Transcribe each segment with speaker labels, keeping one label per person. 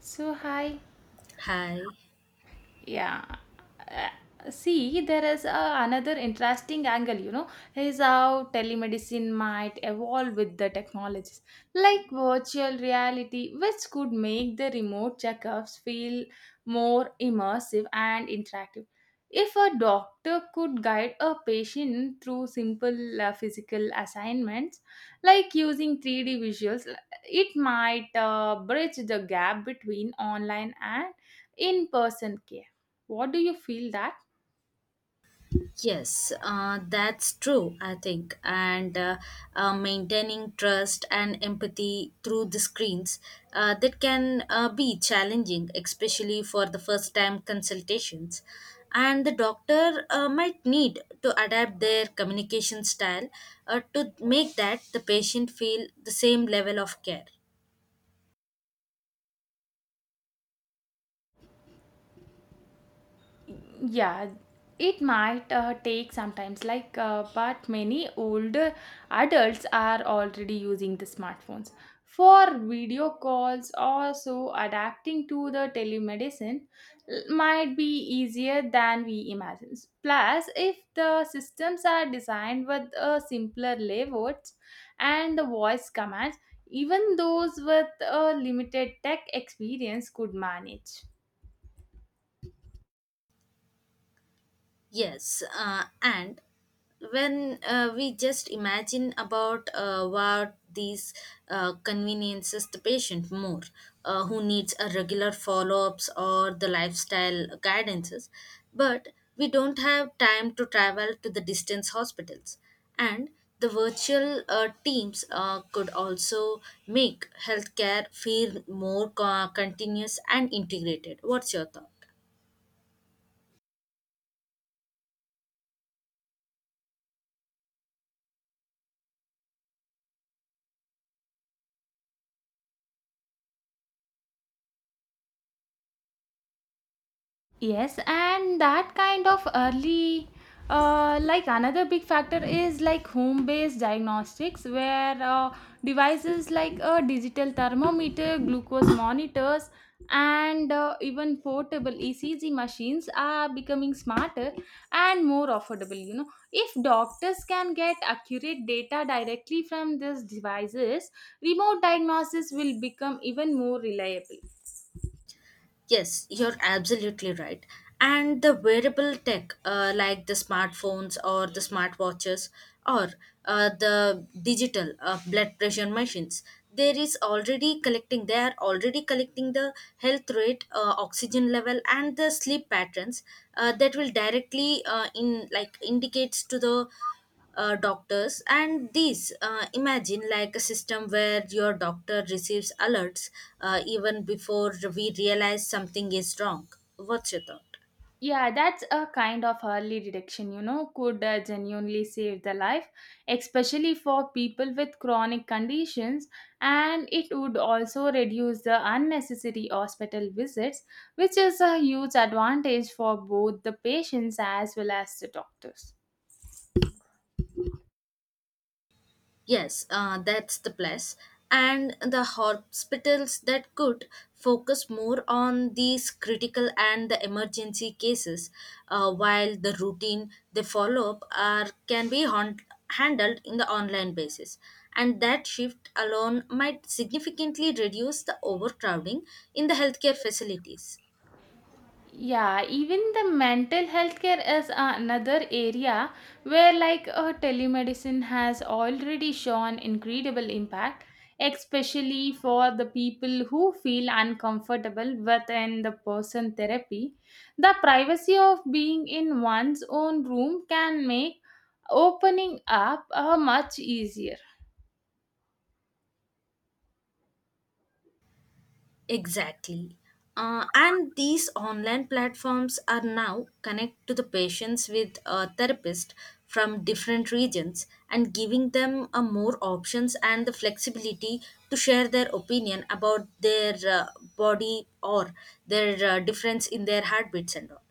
Speaker 1: So, hi.
Speaker 2: Hi.
Speaker 1: Yeah. Uh, See there is another interesting angle is how telemedicine might evolve with the technologies like virtual reality, which could make the remote checkups feel more immersive and interactive. If a doctor could guide a patient through simple physical assignments like using 3D visuals, it might bridge the gap between online and in person care. What do you feel that?
Speaker 2: Yes, that's true, I think. And maintaining trust and empathy through the screens, that can be challenging, especially for the first time consultations. And the doctor might need to adapt their communication style to make that the patient feel the same level of care.
Speaker 1: Yeah, it might take sometimes, like, but many older adults are already using the smartphones for video calls. Also, adapting to the telemedicine might be easier than we imagine. Plus, if the systems are designed with a simpler layouts and the voice commands, even those with a limited tech experience could manage.
Speaker 2: Yes, and when we just imagine about what these conveniences the patient more, who needs a regular follow-ups or the lifestyle guidances, but we don't have time to travel to the distance hospitals, and the virtual teams could also make healthcare feel more continuous and integrated. What's your thought?
Speaker 1: Yes, and that kind of early, like another big factor is like home based diagnostics, where devices like a digital thermometer, glucose monitors, and even portable ECG machines are becoming smarter and more affordable. You know, if doctors can get accurate data directly from these devices, remote diagnosis will become even more reliable.
Speaker 2: Yes, you're absolutely right. And the wearable tech, like the smartphones or the smartwatches or the digital blood pressure machines, there is already collecting. They are already collecting the health rate, oxygen level, and the sleep patterns, that will directly, in like indicates to the doctors. And these, imagine like a system where your doctor receives alerts even before we realize something is wrong. What's your thought?
Speaker 1: Yeah, that's a kind of early detection, you know, could genuinely save the life, especially for people with chronic conditions. And it would also reduce the unnecessary hospital visits, which is a huge advantage for both the patients as well as the doctors.
Speaker 2: Yes, that's the plus. And the hospitals that could focus more on these critical and the emergency cases, while the routine they follow up are can be handled in the online basis. And that shift alone might significantly reduce the overcrowding in the healthcare facilities.
Speaker 1: Yeah, even the mental health care is another area where, like, telemedicine has already shown incredible impact, especially for the people who feel uncomfortable within the person therapy. The privacy of being in one's own room can make opening up much easier.
Speaker 2: Exactly. And these online platforms are now connect to the patients with a therapist from different regions and giving them a more options and the flexibility to share their opinion about their body or their difference in their heartbeats and all,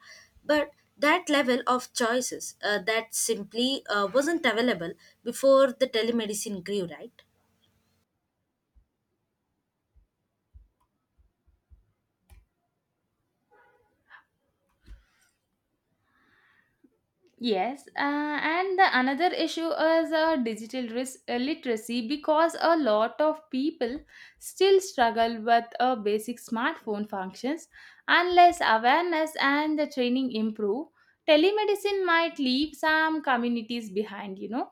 Speaker 2: but that level of choices, that simply wasn't available before the telemedicine grew, right?
Speaker 1: Yes, and the another issue is literacy, because a lot of people still struggle with basic smartphone functions. Unless awareness and the training improve, telemedicine might leave some communities behind.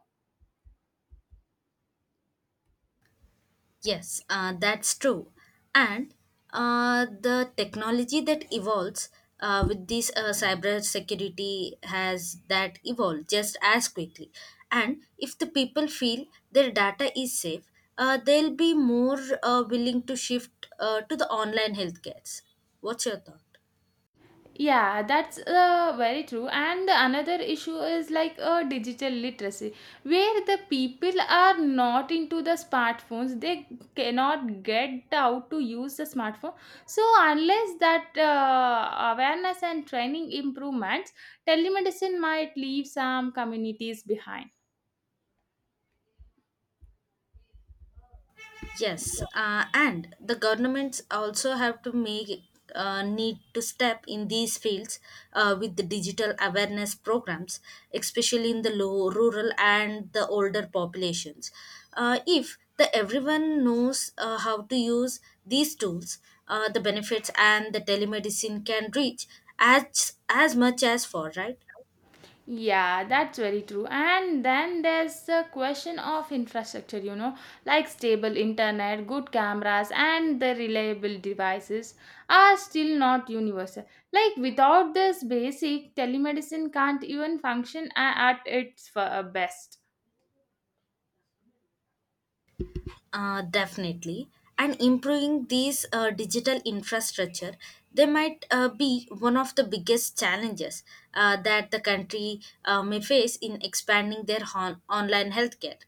Speaker 2: Yes, that's true. And the technology that evolves with this cyber security has that evolved just as quickly. And if the people feel their data is safe, they'll be more willing to shift to the online healthcare. What's your thought?
Speaker 1: Yeah, that's very true. And the another issue is like digital literacy, where the people are not into the smartphones. They cannot get out to use the smartphone. So unless that awareness and training improvements, telemedicine might leave some communities behind.
Speaker 2: Yes, and the governments also have to make need to step in these fields with the digital awareness programs, especially in the low rural and the older populations. If the everyone knows how to use these tools, the benefits and the telemedicine can reach as much as for, right.
Speaker 1: Yeah, that's very true. And then there's the question of infrastructure, you know, like stable internet, good cameras, and the reliable devices are still not universal. Like, without this basic, telemedicine can't even function at its best.
Speaker 2: Definitely. And improving these digital infrastructure, they might be one of the biggest challenges that the country may face in expanding their online healthcare.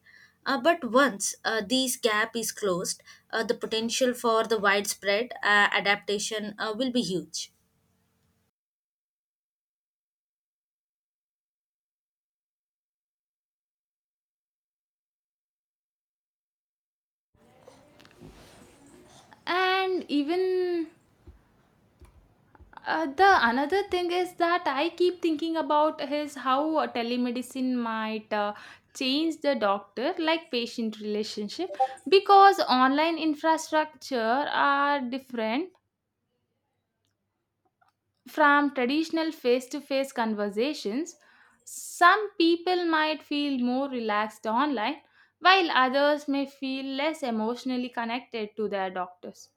Speaker 2: But once, this gap is closed, the potential for the widespread adaptation will be huge.
Speaker 1: And even the another thing is that I keep thinking about is how telemedicine might change the doctor like patient relationship, because online infrastructure are different from traditional face to face conversations. Some people might feel more relaxed online while others may feel less emotionally connected to their doctors.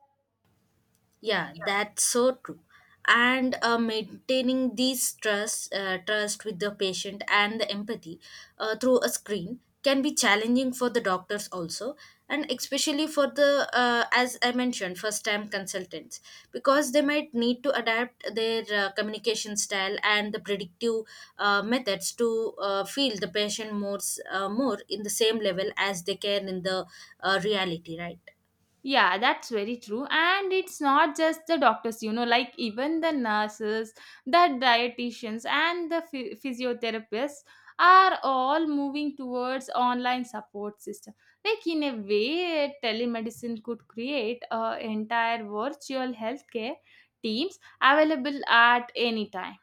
Speaker 2: Yeah, that's so true. And maintaining these trust, trust with the patient and the empathy through a screen can be challenging for the doctors also, and especially for the, as I mentioned, first-time consultants, because they might need to adapt their communication style and the predictive methods to feel the patient more, more in the same level as they can in the reality, right?
Speaker 1: Yeah, that's very true. And it's not just the doctors, you know, like even the nurses, the dietitians, and the physiotherapists are all moving towards online support system. Like in a way, telemedicine could create a entire virtual healthcare teams available at any time.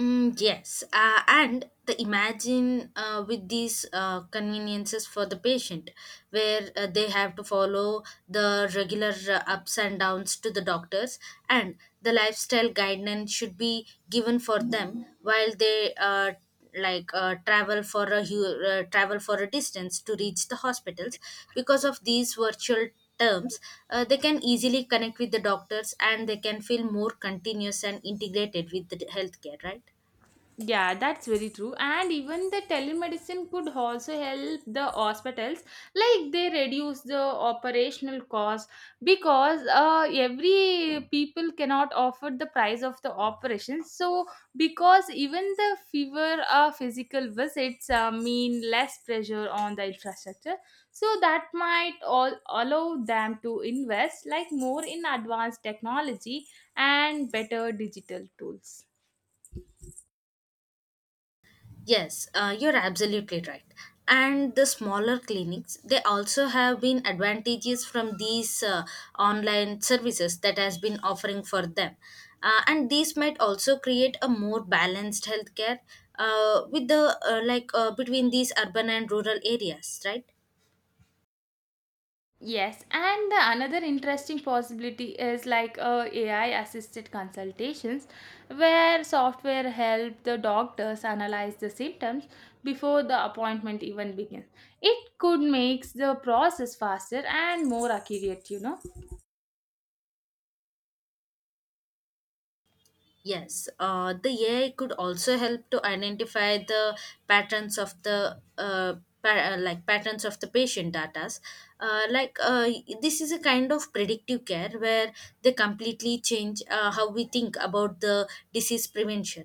Speaker 2: Mm, yes, and the imagine with these conveniences for the patient, where they have to follow the regular ups and downs to the doctors, and the lifestyle guidance should be given for them while they travel for a distance to reach the hospitals, because of these virtual terms, they can easily connect with the doctors and they can feel more continuous and integrated with the healthcare, right?
Speaker 1: Yeah, that's very true. And even the telemedicine could also help the hospitals, like they reduce the operational cost, because every people cannot afford the price of the operation. So because even the fever physical visits mean less pressure on the infrastructure, so that might all allow them to invest like more in advanced technology and better digital tools.
Speaker 2: Yes, you're absolutely right. And the smaller clinics, they also have been advantages from these online services that has been offering for them. And these might also create a more balanced healthcare, with the like between these urban and rural areas, right?
Speaker 1: Yes, and the another interesting possibility is like AI assisted consultations where software help the doctors analyze the symptoms before the appointment even begins. It could make the process faster and more accurate, you know.
Speaker 2: Yes, the AI could also help to identify the patterns of the uh, patterns of the patient datas. Uh, like uh, this is a kind of predictive care where they completely change how we think about the disease prevention.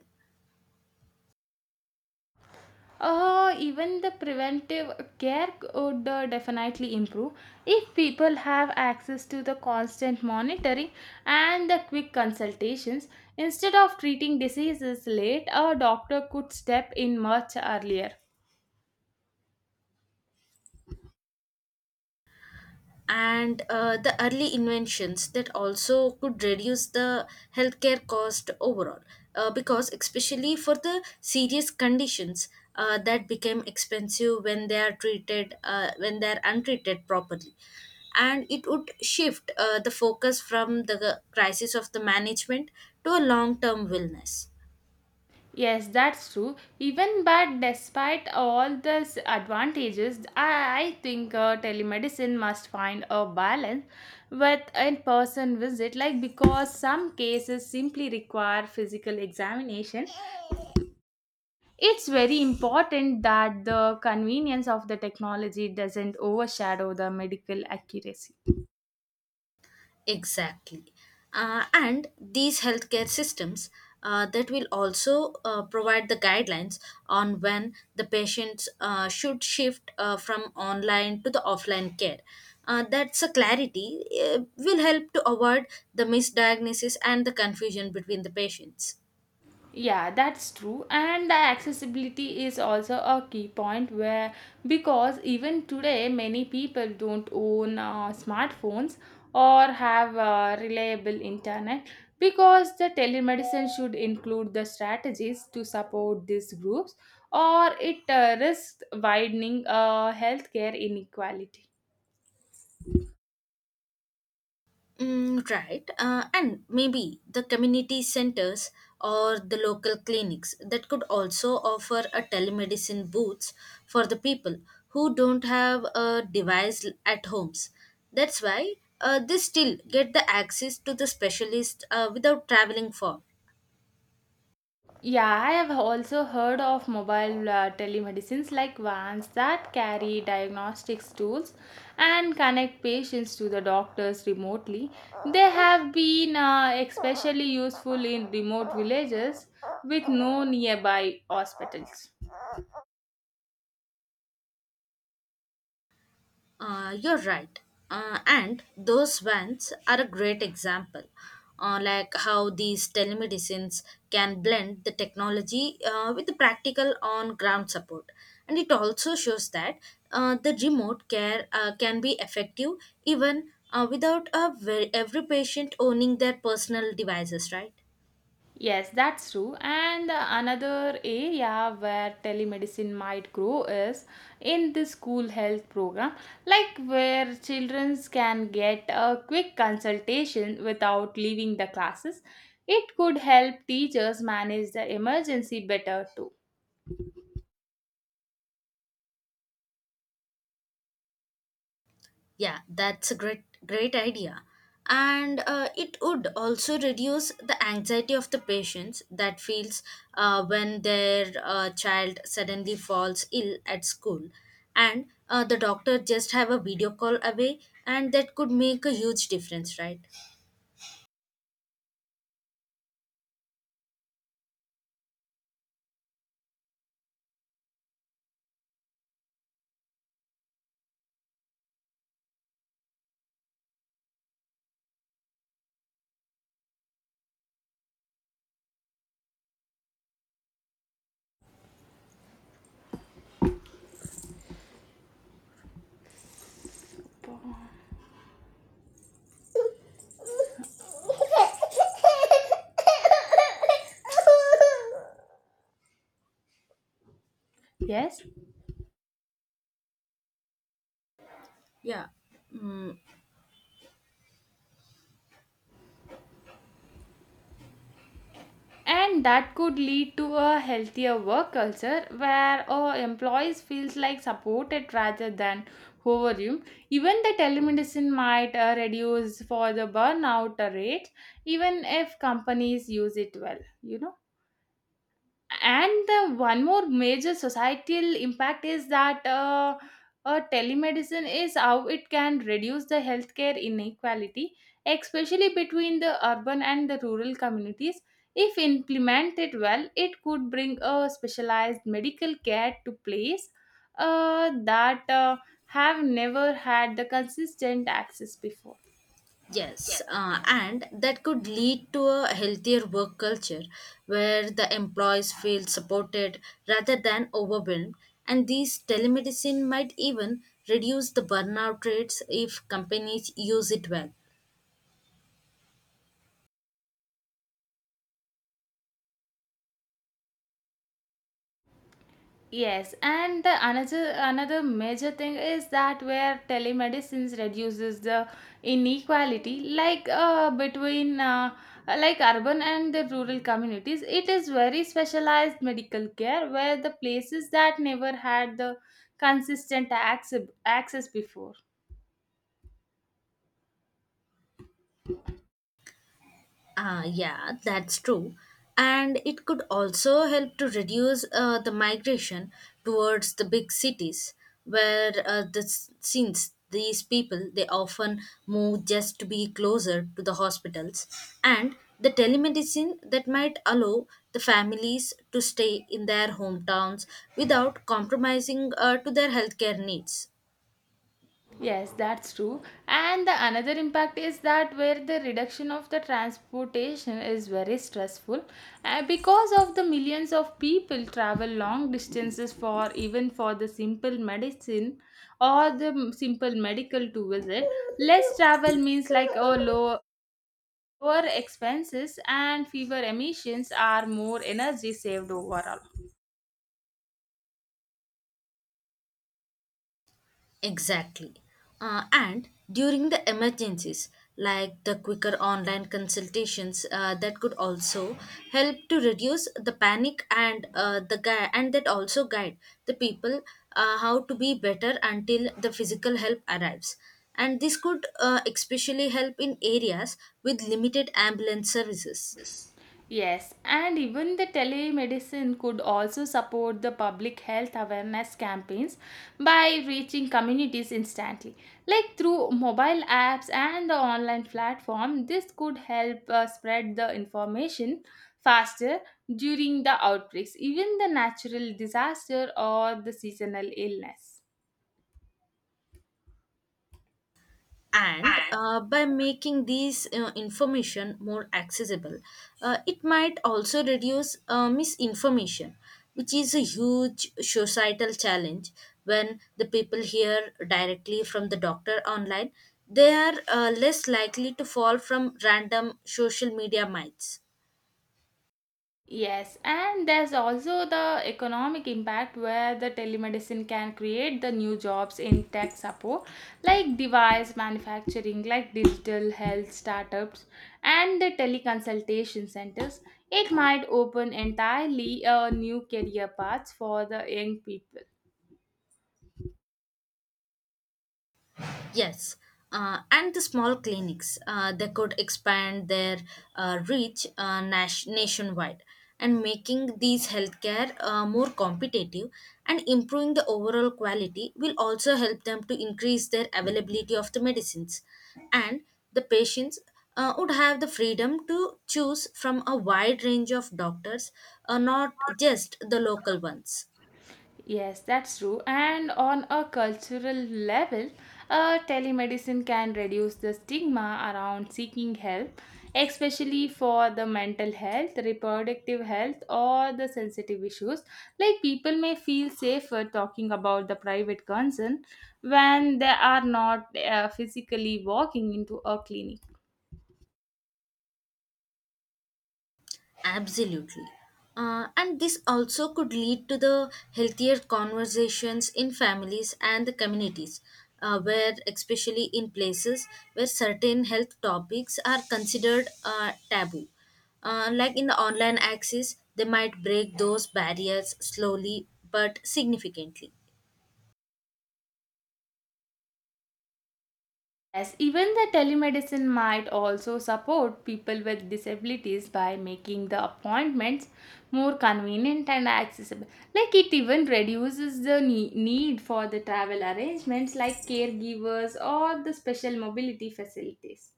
Speaker 1: Even the preventive care would definitely improve if people have access to the constant monitoring and the quick consultations. Instead of treating diseases late, a doctor could step in much earlier.
Speaker 2: And the early inventions that also could reduce the healthcare cost overall, because especially for the serious conditions, that became expensive when they are untreated properly, and it would shift the focus from the crisis of the management to a long term wellness.
Speaker 1: Yes, that's true. Even but despite all the advantages, I think telemedicine must find a balance with in-person visit. Like because some cases simply require physical examination, it's very important that the convenience of the technology doesn't overshadow the medical accuracy.
Speaker 2: Exactly. And these healthcare systems, that will also provide the guidelines on when the patients should shift from online to the offline care. That's a clarity will help to avoid the misdiagnosis and the confusion between the patients.
Speaker 1: Yeah, that's true. And the accessibility is also a key point where, because even today many people don't own smartphones or have reliable internet, because the telemedicine should include the strategies to support these groups or it risks widening healthcare inequality.
Speaker 2: Mm, right. And maybe the community centers or the local clinics that could also offer a telemedicine booths for the people who don't have a device at homes. That's why, they still get the access to the specialist without traveling far.
Speaker 1: Yeah, I have also heard of mobile telemedicines like vans that carry diagnostics tools and connect patients to the doctors remotely. They have been especially useful in remote villages with no nearby hospitals.
Speaker 2: You're right. And those vans are a great example, like how these telemedicines can blend the technology with the practical on ground support. And it also shows that, the remote care can be effective even without every patient owning their personal devices, right?
Speaker 1: Yes, that's true. And another area where telemedicine might grow is in the school health program, like where children can get a quick consultation without leaving the classes. It could help teachers manage the emergency better too.
Speaker 2: Yeah, that's a great idea. And it would also reduce the anxiety of the patients that feels when their child suddenly falls ill at school. And the doctor just have a video call away, and that could make a huge difference, right?
Speaker 1: Yes.
Speaker 2: Yeah.
Speaker 1: And that could lead to a healthier work culture where our employees feels like supported rather than overwhelmed. Even the telemedicine might reduce for the burnout rate, even if companies use it well, you know. And the one more major societal impact is that telemedicine is how it can reduce the healthcare inequality, especially between the urban and the rural communities. If implemented well, it could bring a specialized medical care to place that have never had the consistent access before.
Speaker 2: Yes, and that could lead to a healthier work culture where the employees feel supported rather than overwhelmed. And these telemedicine might even reduce the burnout rates if companies use it well.
Speaker 1: Yes, and the another major thing is that where telemedicine reduces the inequality, like between like urban and the rural communities. It is very specialized medical care where the places that never had the consistent access before.
Speaker 2: Ah, yeah, that's true. And it could also help to reduce the migration towards the big cities, where since these people they often move just to be closer to the hospitals, and the telemedicine that might allow the families to stay in their hometowns without compromising to their healthcare needs.
Speaker 1: Yes, that's true. And the another impact is that where the reduction of the transportation is very stressful because of the millions of people travel long distances for even for the simple medicine or the simple medical to visit. Less travel means like oh lower expenses and fewer emissions are more energy saved overall.
Speaker 2: Exactly. And during the emergencies, like the quicker online consultations, that could also help to reduce the panic and, and that also guide the people how to be better until the physical help arrives. And this could, especially help in areas with limited ambulance services.
Speaker 1: Yes, and even the telemedicine could also support the public health awareness campaigns by reaching communities instantly. Like through mobile apps and the online platform, this could help spread the information faster during the outbreaks, even the natural disaster or the seasonal illness.
Speaker 2: And by making these information more accessible, it might also reduce misinformation, which is a huge societal challenge. When the people hear directly from the doctor online, they are less likely to fall from random social media myths.
Speaker 1: Yes, and there's also the economic impact where the telemedicine can create the new jobs in tech support, like device manufacturing, like digital health startups, and the teleconsultation centers. It might open entirely new career paths for the young people.
Speaker 2: Yes, and the small clinics, they could expand their reach nationwide, and making these healthcare more competitive and improving the overall quality will also help them to increase their availability of the medicines, and the patients would have the freedom to choose from a wide range of doctors, not just the local ones.
Speaker 1: Yes, that's true. And on a cultural level, telemedicine can reduce the stigma around seeking help, especially for the mental health, reproductive health, or the sensitive issues. Like people may feel safer talking about the private concern when they are not physically walking into a clinic.
Speaker 2: Absolutely. And this also could lead to the healthier conversations in families and the communities, where, especially in places where certain health topics are considered taboo. Like in the online access, they might break those barriers slowly but significantly.
Speaker 1: Yes, even the telemedicine might also support people with disabilities by making the appointments more convenient and accessible. Like it even reduces the need for the travel arrangements like caregivers or the special mobility facilities.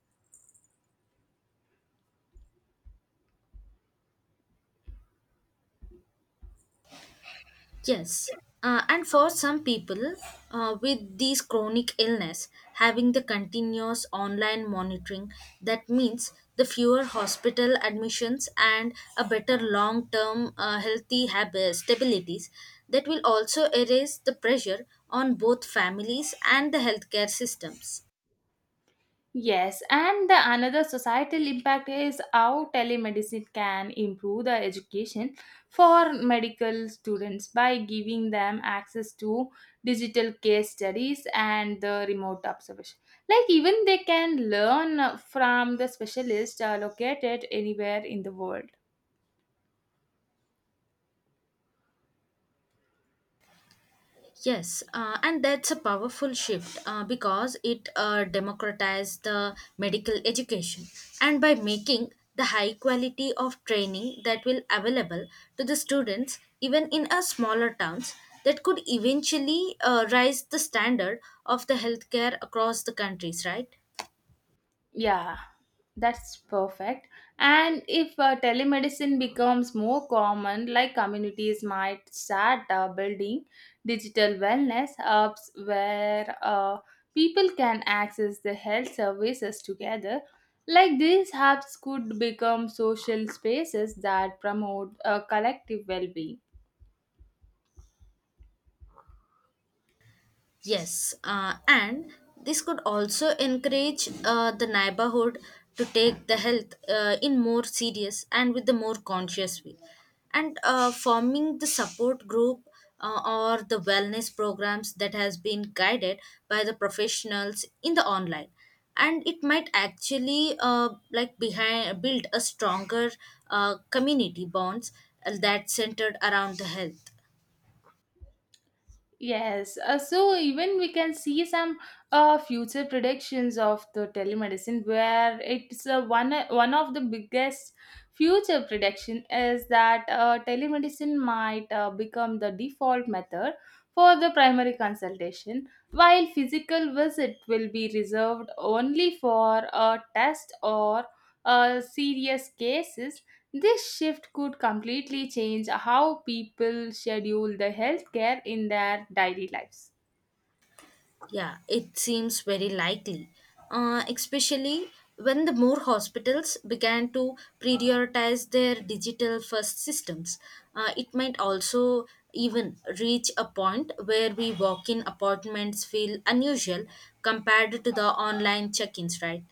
Speaker 2: Yes, and for some people with these chronic illness, having the continuous online monitoring that means the fewer hospital admissions and a better long-term healthy habits stabilities that will also erase the pressure on both families and the healthcare systems.
Speaker 1: Yes, and the another societal impact is how telemedicine can improve the education for medical students by giving them access to digital case studies and the remote observation. Like even they can learn from the specialist located anywhere in the world.
Speaker 2: Yes, and that's a powerful shift because it democratized the medical education, and by making the high quality of training that will available to the students even in a smaller towns, that could eventually rise the standard of the healthcare across the countries, right?
Speaker 1: Yeah, that's perfect. And if telemedicine becomes more common, like communities might start building digital wellness hubs where people can access the health services together. Like these hubs could become social spaces that promote collective well being.
Speaker 2: Yes, and this could also encourage the neighborhood to take the health in more serious and with the more conscious way. And forming the support group, uh, or the wellness programs that has been guided by the professionals in the online. And it might actually like behind build a stronger community bonds that centered around the health.
Speaker 1: Yes, so even we can see some future predictions of the telemedicine, where it's one of the biggest future prediction is that telemedicine might become the default method for the primary consultation, while physical visit will be reserved only for a test or serious cases. This shift could completely change how people schedule the healthcare in their daily lives.
Speaker 2: Yeah, it seems very likely, especially when the more hospitals began to prioritize their digital first systems. It might also even reach a point where we walk in appointments feel unusual compared to the online check ins, right?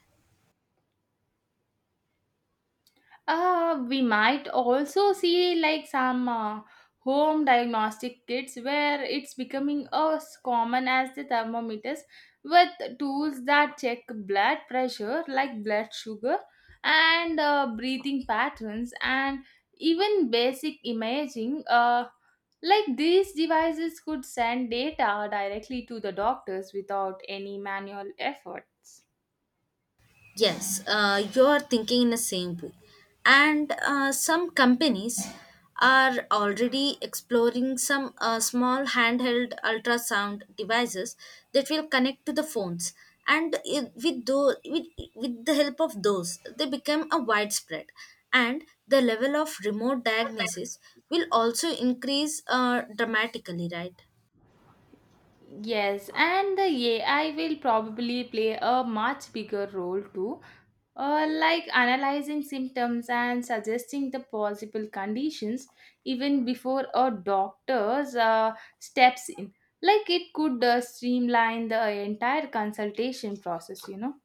Speaker 1: We might also see like some home diagnostic kits where it's becoming as common as the thermometers with tools that check blood pressure, like blood sugar and breathing patterns, and even basic imaging like these devices could send data directly to the doctors without any manual efforts.
Speaker 2: Yes, you're thinking in the same way. And some companies are already exploring some small handheld ultrasound devices that will connect to the phones. And with the help of those, they become a widespread. And the level of remote diagnosis will also increase dramatically, right?
Speaker 1: Yes, and the AI will probably play a much bigger role too, like analyzing symptoms and suggesting the possible conditions even before a doctor's steps in. Like it could streamline the entire consultation process, you know.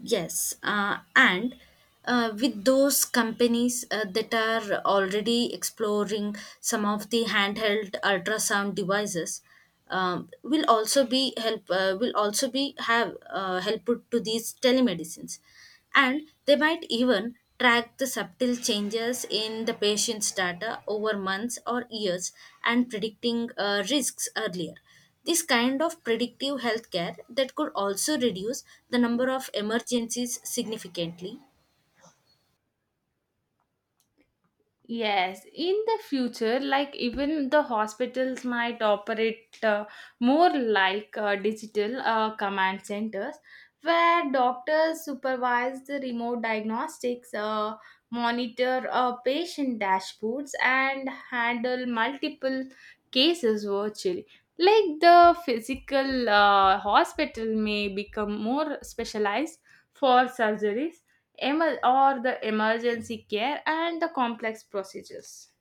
Speaker 2: Yes, and with those companies that are already exploring some of the handheld ultrasound devices, will also be have help to these telemedicines, and they might even track the subtle changes in the patient's data over months or years and predicting risks earlier. This kind of predictive healthcare that could also reduce the number of emergencies significantly.
Speaker 1: Yes, in the future, like even the hospitals might operate more like digital command centers where doctors supervise the remote diagnostics, monitor patient dashboards, and handle multiple cases virtually. Like the physical hospital may become more specialized for surgeries or the emergency care and the complex procedures.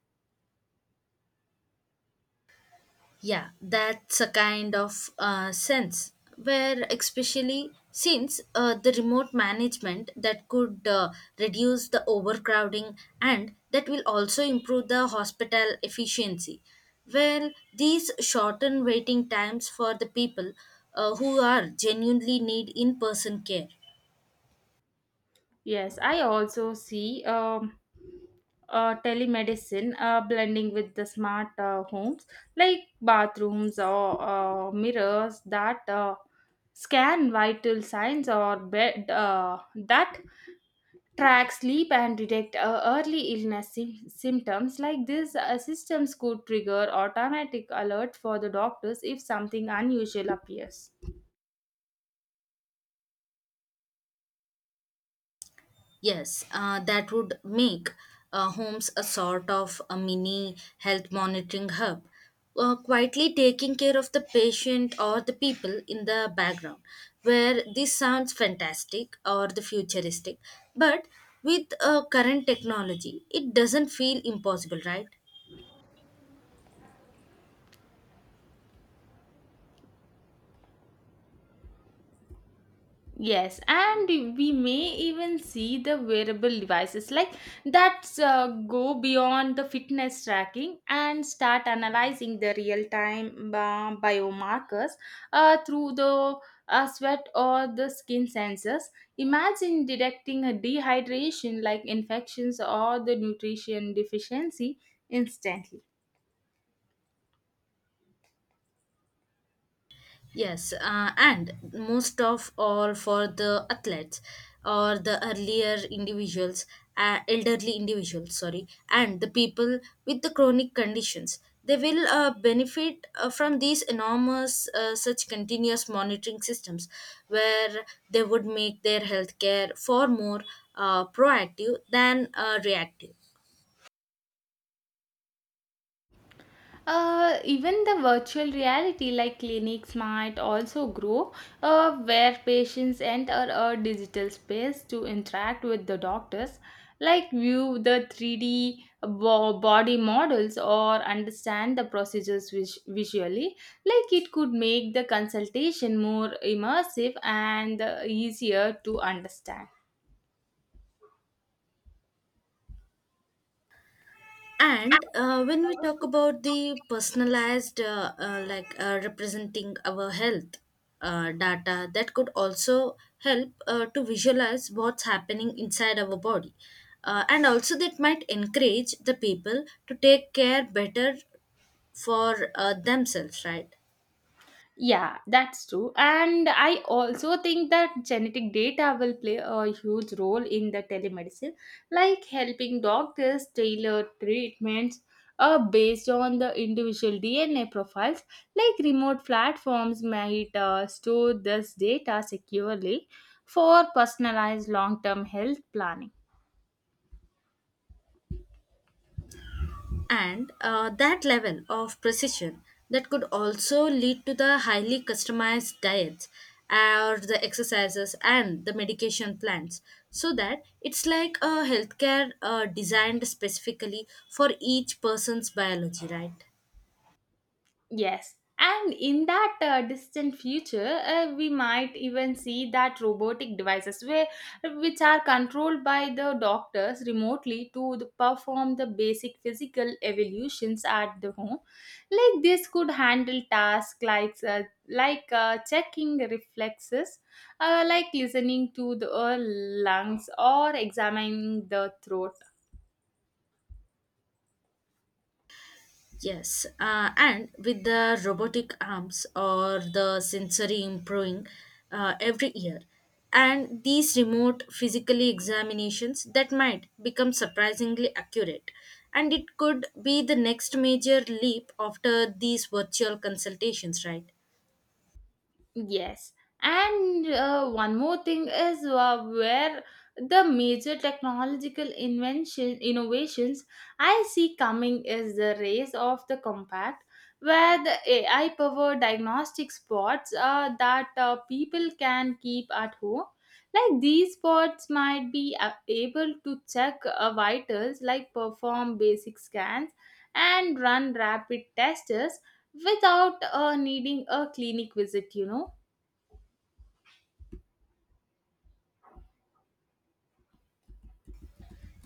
Speaker 2: Yeah, that's a kind of sense where, especially since the remote management that could reduce the overcrowding and that will also improve the hospital efficiency. Well, these shorten waiting times for the people who are genuinely need in person care.
Speaker 1: Yes, I also see telemedicine blending with the smart homes like bathrooms or mirrors that scan vital signs or bed that track sleep and detect early illness symptoms like these systems could trigger automatic alert for the doctors if something unusual appears.
Speaker 2: Yes, that would make homes a sort of a mini health monitoring hub, quietly taking care of the patient or the people in the background. Where this sounds fantastic or the futuristic, but with current technology, it doesn't feel impossible, right?
Speaker 1: Yes, and we may even see the wearable devices like that go beyond the fitness tracking and start analyzing the real time biomarkers through the sweat or the skin sensors. Imagine detecting a dehydration like infections or the nutrition deficiency instantly.
Speaker 2: Yes, and most of all for the athletes or the earlier individuals, elderly individuals, sorry, and the people with the chronic conditions. They will benefit from these enormous, such continuous monitoring systems where they would make their healthcare far more proactive than reactive.
Speaker 1: Even the virtual reality like clinics might also grow where patients enter a digital space to interact with the doctors like view the 3D body models or understand the procedures visually, like it could make the consultation more immersive and easier to understand.
Speaker 2: And when we talk about the personalized representing our health data that could also help to visualize what's happening inside our body, and also that might encourage the people to take care better for themselves, right?
Speaker 1: Yeah, that's true. And I also think that genetic data will play a huge role in the telemedicine, like helping doctors tailor treatments based on the individual DNA profiles. Like remote platforms might store this data securely for personalized long term health planning.
Speaker 2: And that level of precision that could also lead to the highly customized diets or the exercises and the medication plans, so that it's like a healthcare designed specifically for each person's biology, right?
Speaker 1: Yes. And in that distant future, we might even see that robotic devices where, which are controlled by the doctors remotely to the, perform the basic physical evolutions at the home. Like this could handle tasks like, like checking reflexes, like listening to the lungs or examining the throat.
Speaker 2: Yes, and with the robotic arms or the sensory improving every year, and these remote physically examinations that might become surprisingly accurate, and it could be the next major leap after these virtual consultations, right?
Speaker 1: Yes, and one more thing is where the major technological invention innovations I see coming is the race of the compact, where the AI powered diagnostic spots that people can keep at home. Like these spots might be able to check vitals, like perform basic scans and run rapid tests without needing a clinic visit,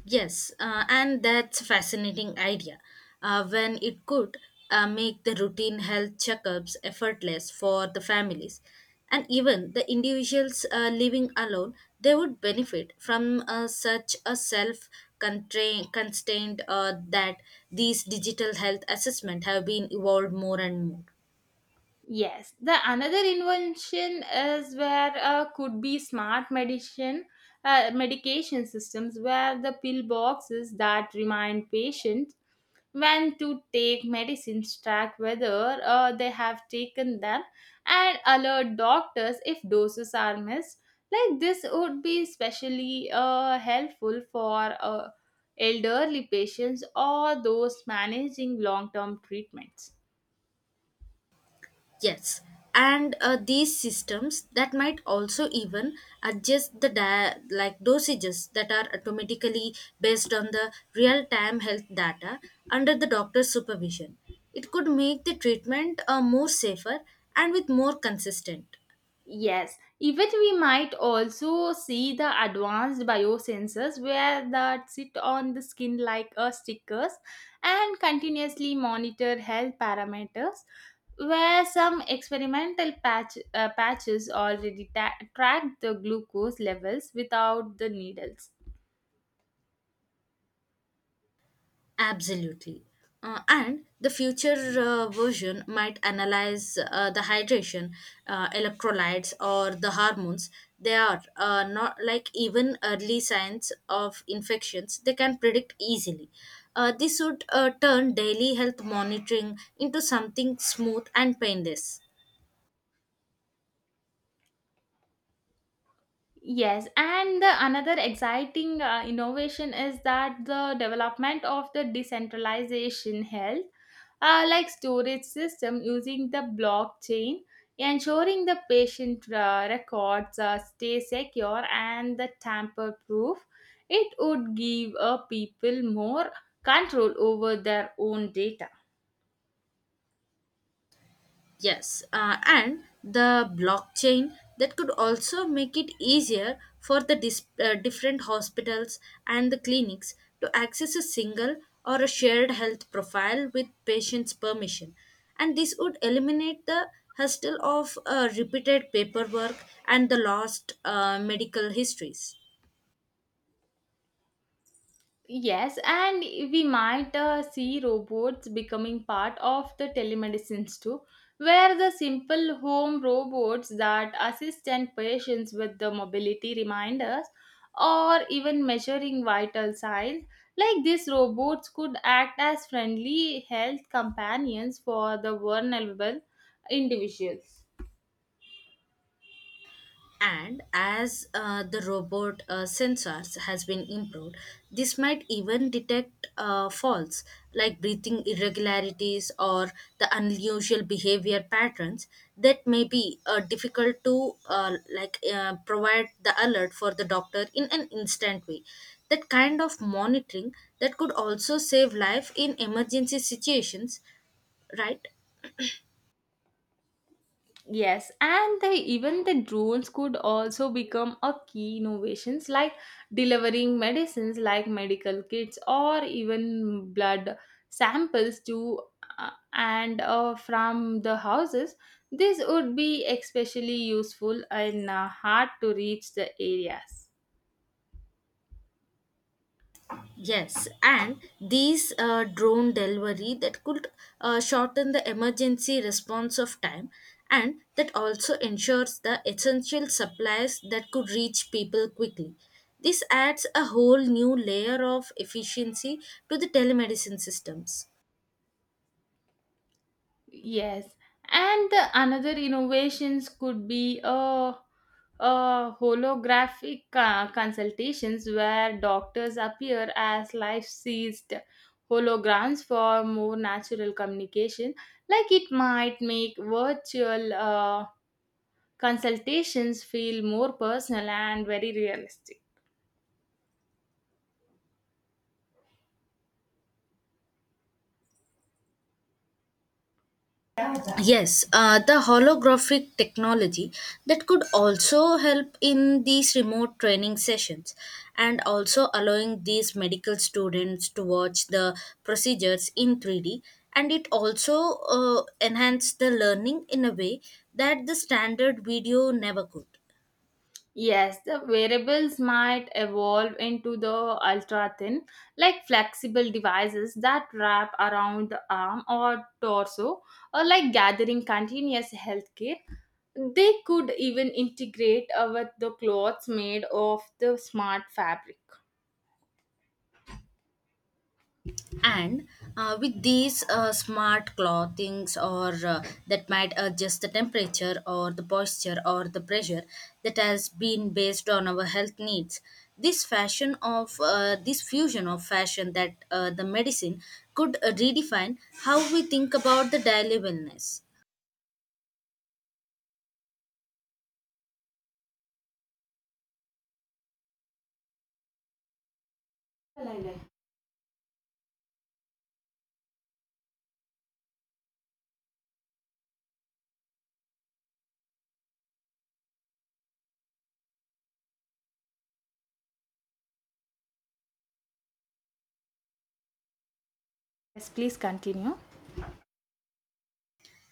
Speaker 2: Yes, and that's a fascinating idea. When it could make the routine health checkups effortless for the families, and even the individuals living alone, they would benefit from such a self constrained that these digital health assessment have been evolved more and more.
Speaker 1: Yes, the another invention is where could be smart medicine medication systems where the pill boxes that remind patients when to take medicines, track whether they have taken them, and alert doctors if doses are missed. Like this would be especially helpful for elderly patients or those managing long-term treatments.
Speaker 2: Yes, and these systems that might also even adjust the like dosages that are automatically based on the real-time health data under the doctor's supervision. It could make the treatment more safer and with more consistent.
Speaker 1: Yes, even we might also see the advanced biosensors where that sit on the skin like a stickers and continuously monitor health parameters, where some experimental patches already track the glucose levels without the needles.
Speaker 2: Absolutely. And the future version might analyze the hydration, electrolytes, or the hormones. They are not like even early signs of infections, they can predict easily. This would turn daily health monitoring into something smooth and painless.
Speaker 1: Yes, and the another exciting innovation is that the development of the decentralization health like storage system using the blockchain, ensuring the patient records stay secure and the tamper-proof. It would give people more control over their own data.
Speaker 2: Yes, and the blockchain that could also make it easier for the different hospitals and the clinics to access a single or a shared health profile with patient's permission. And this would eliminate the hassle of repeated paperwork and the lost medical histories.
Speaker 1: Yes, and we might see robots becoming part of the telemedicines too, where the simple home robots that assist and patients with the mobility reminders or even measuring vital signs. Like these robots could act as friendly health companions for the vulnerable individuals.
Speaker 2: And as the robot sensors has been improved, this might even detect faults like breathing irregularities or the unusual behavior patterns that may be difficult to provide the alert for the doctor in an instant way. That kind of monitoring that could also save life in emergency situations, right?
Speaker 1: Yes, and they even the drones could also become a key innovations, like delivering medicines like medical kits or even blood samples to and from the houses. This would be especially useful in hard to reach the areas.
Speaker 2: Yes, and these drone delivery that could shorten the emergency response of time, and that also ensures the essential supplies that could reach people quickly. This adds a whole new layer of efficiency to the telemedicine systems.
Speaker 1: Yes, and the another innovations could be a holographic consultations where doctors appear as life-sized holograms for more natural communication. Like it might make virtual consultations feel more personal and very realistic.
Speaker 2: Yes, the holographic technology that could also help in these remote training sessions, and also allowing these medical students to watch the procedures in 3D, and it also enhance the learning in a way that the standard video never could.
Speaker 1: Yes, the wearables might evolve into the ultra thin, like flexible devices that wrap around the arm or torso, or like gathering continuous healthcare. They could even integrate with the clothes made of the smart fabric.
Speaker 2: And with these smart clothings or that might adjust the temperature or the posture or the pressure that has been based on our health needs. This fashion of this fusion of fashion that the medicine could redefine how we think about the daily wellness.
Speaker 1: Yes, please continue.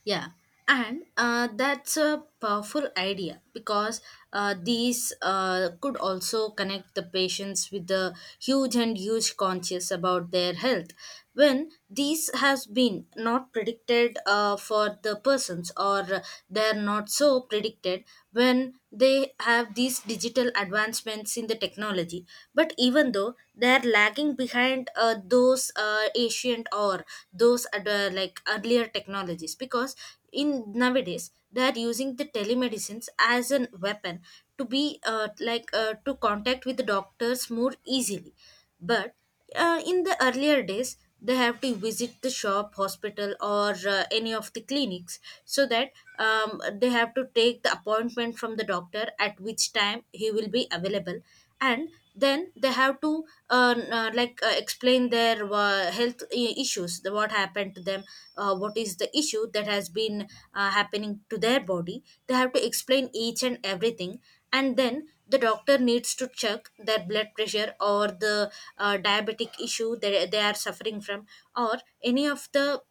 Speaker 2: Yeah, and that's a powerful idea, because these could also connect the patients with the huge and huge conscious about their health, when these has been not predicted for the persons, or they're not so predicted when they have these digital advancements in the technology. But even though they're lagging looking behind those ancient or those ad- like earlier technologies, because in nowadays they are using the telemedicines as an weapon to be to contact with the doctors more easily. But in the earlier days, they have to visit the shop hospital or any of the clinics. So that they have to take the appointment from the doctor at which time he will be available, and then they have to explain their health issues, the what happened to them, what is the issue that has been happening to their body. They have to explain each and everything, and then the doctor needs to check their blood pressure or the diabetic issue that they are suffering from, or any of the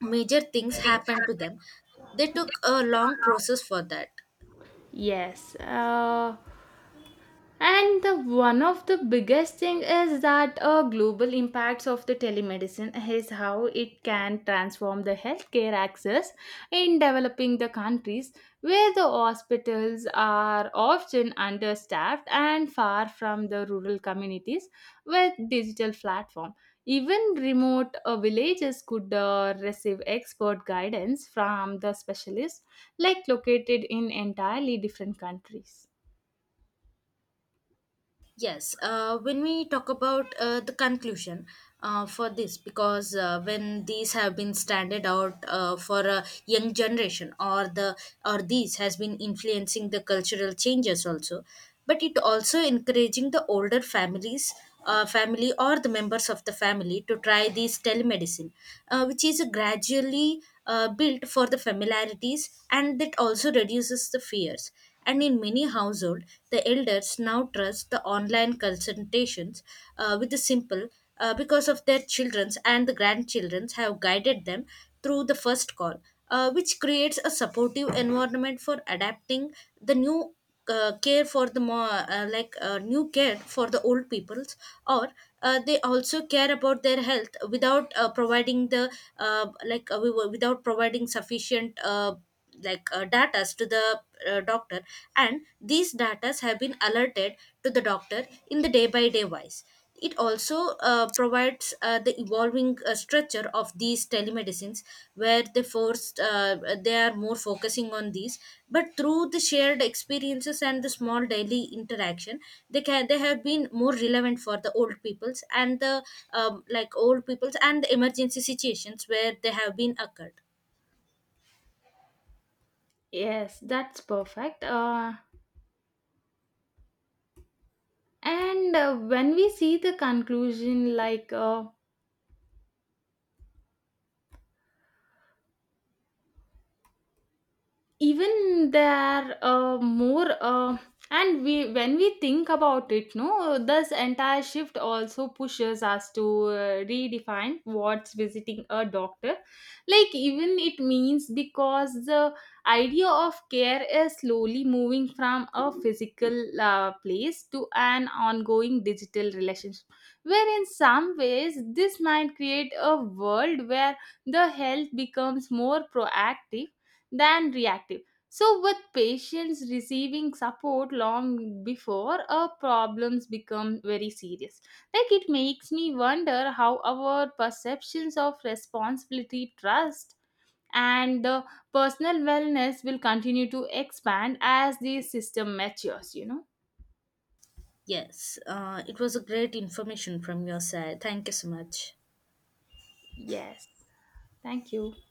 Speaker 2: major things happen to them. They took a long process for that.
Speaker 1: Yes. And the one of the biggest thing is that a global impacts of the telemedicine is how it can transform the healthcare access in developing the countries, where the hospitals are often understaffed and far from the rural communities with digital platform. Even remote villages could receive expert guidance from the specialists like located in entirely different countries.
Speaker 2: Yes, when we talk about the conclusion for this, because when these have been standard out for a young generation, or the or these has been influencing the cultural changes also, but it also encouraging the older families, family or the members of the family to try this telemedicine, which is gradually built for the familiarities, and that also reduces the fears. And in many households, the elders now trust the online consultations with the simple, because of their children's and the grandchildren's have guided them through the first call, which creates a supportive environment for adapting the new care for the more new care for the old peoples, or they also care about their health without providing the without providing sufficient data to the doctor. And these data have been alerted to the doctor in the day by day wise. It also provides the evolving structure of these telemedicines, where they forced they are more focusing on these, but through the shared experiences and the small daily interaction, they have been more relevant for the old peoples and the old peoples and the emergency situations where they have been occurred.
Speaker 1: Yes, that's perfect. And When we see the conclusion, like even there are more and we when we think about it no this entire shift also pushes us to redefine what's visiting a doctor like even it means, because the idea of care is slowly moving from a physical place to an ongoing digital relationship, where in some ways this might create a world where the health becomes more proactive than reactive. So, with patients receiving support long before a problems become very serious, like it makes me wonder how our perceptions of responsibility, trust, and the personal wellness will continue to expand as the system matures. You know.
Speaker 2: Yes, it was a great information from your side. Thank you so much.
Speaker 1: Yes. Thank you.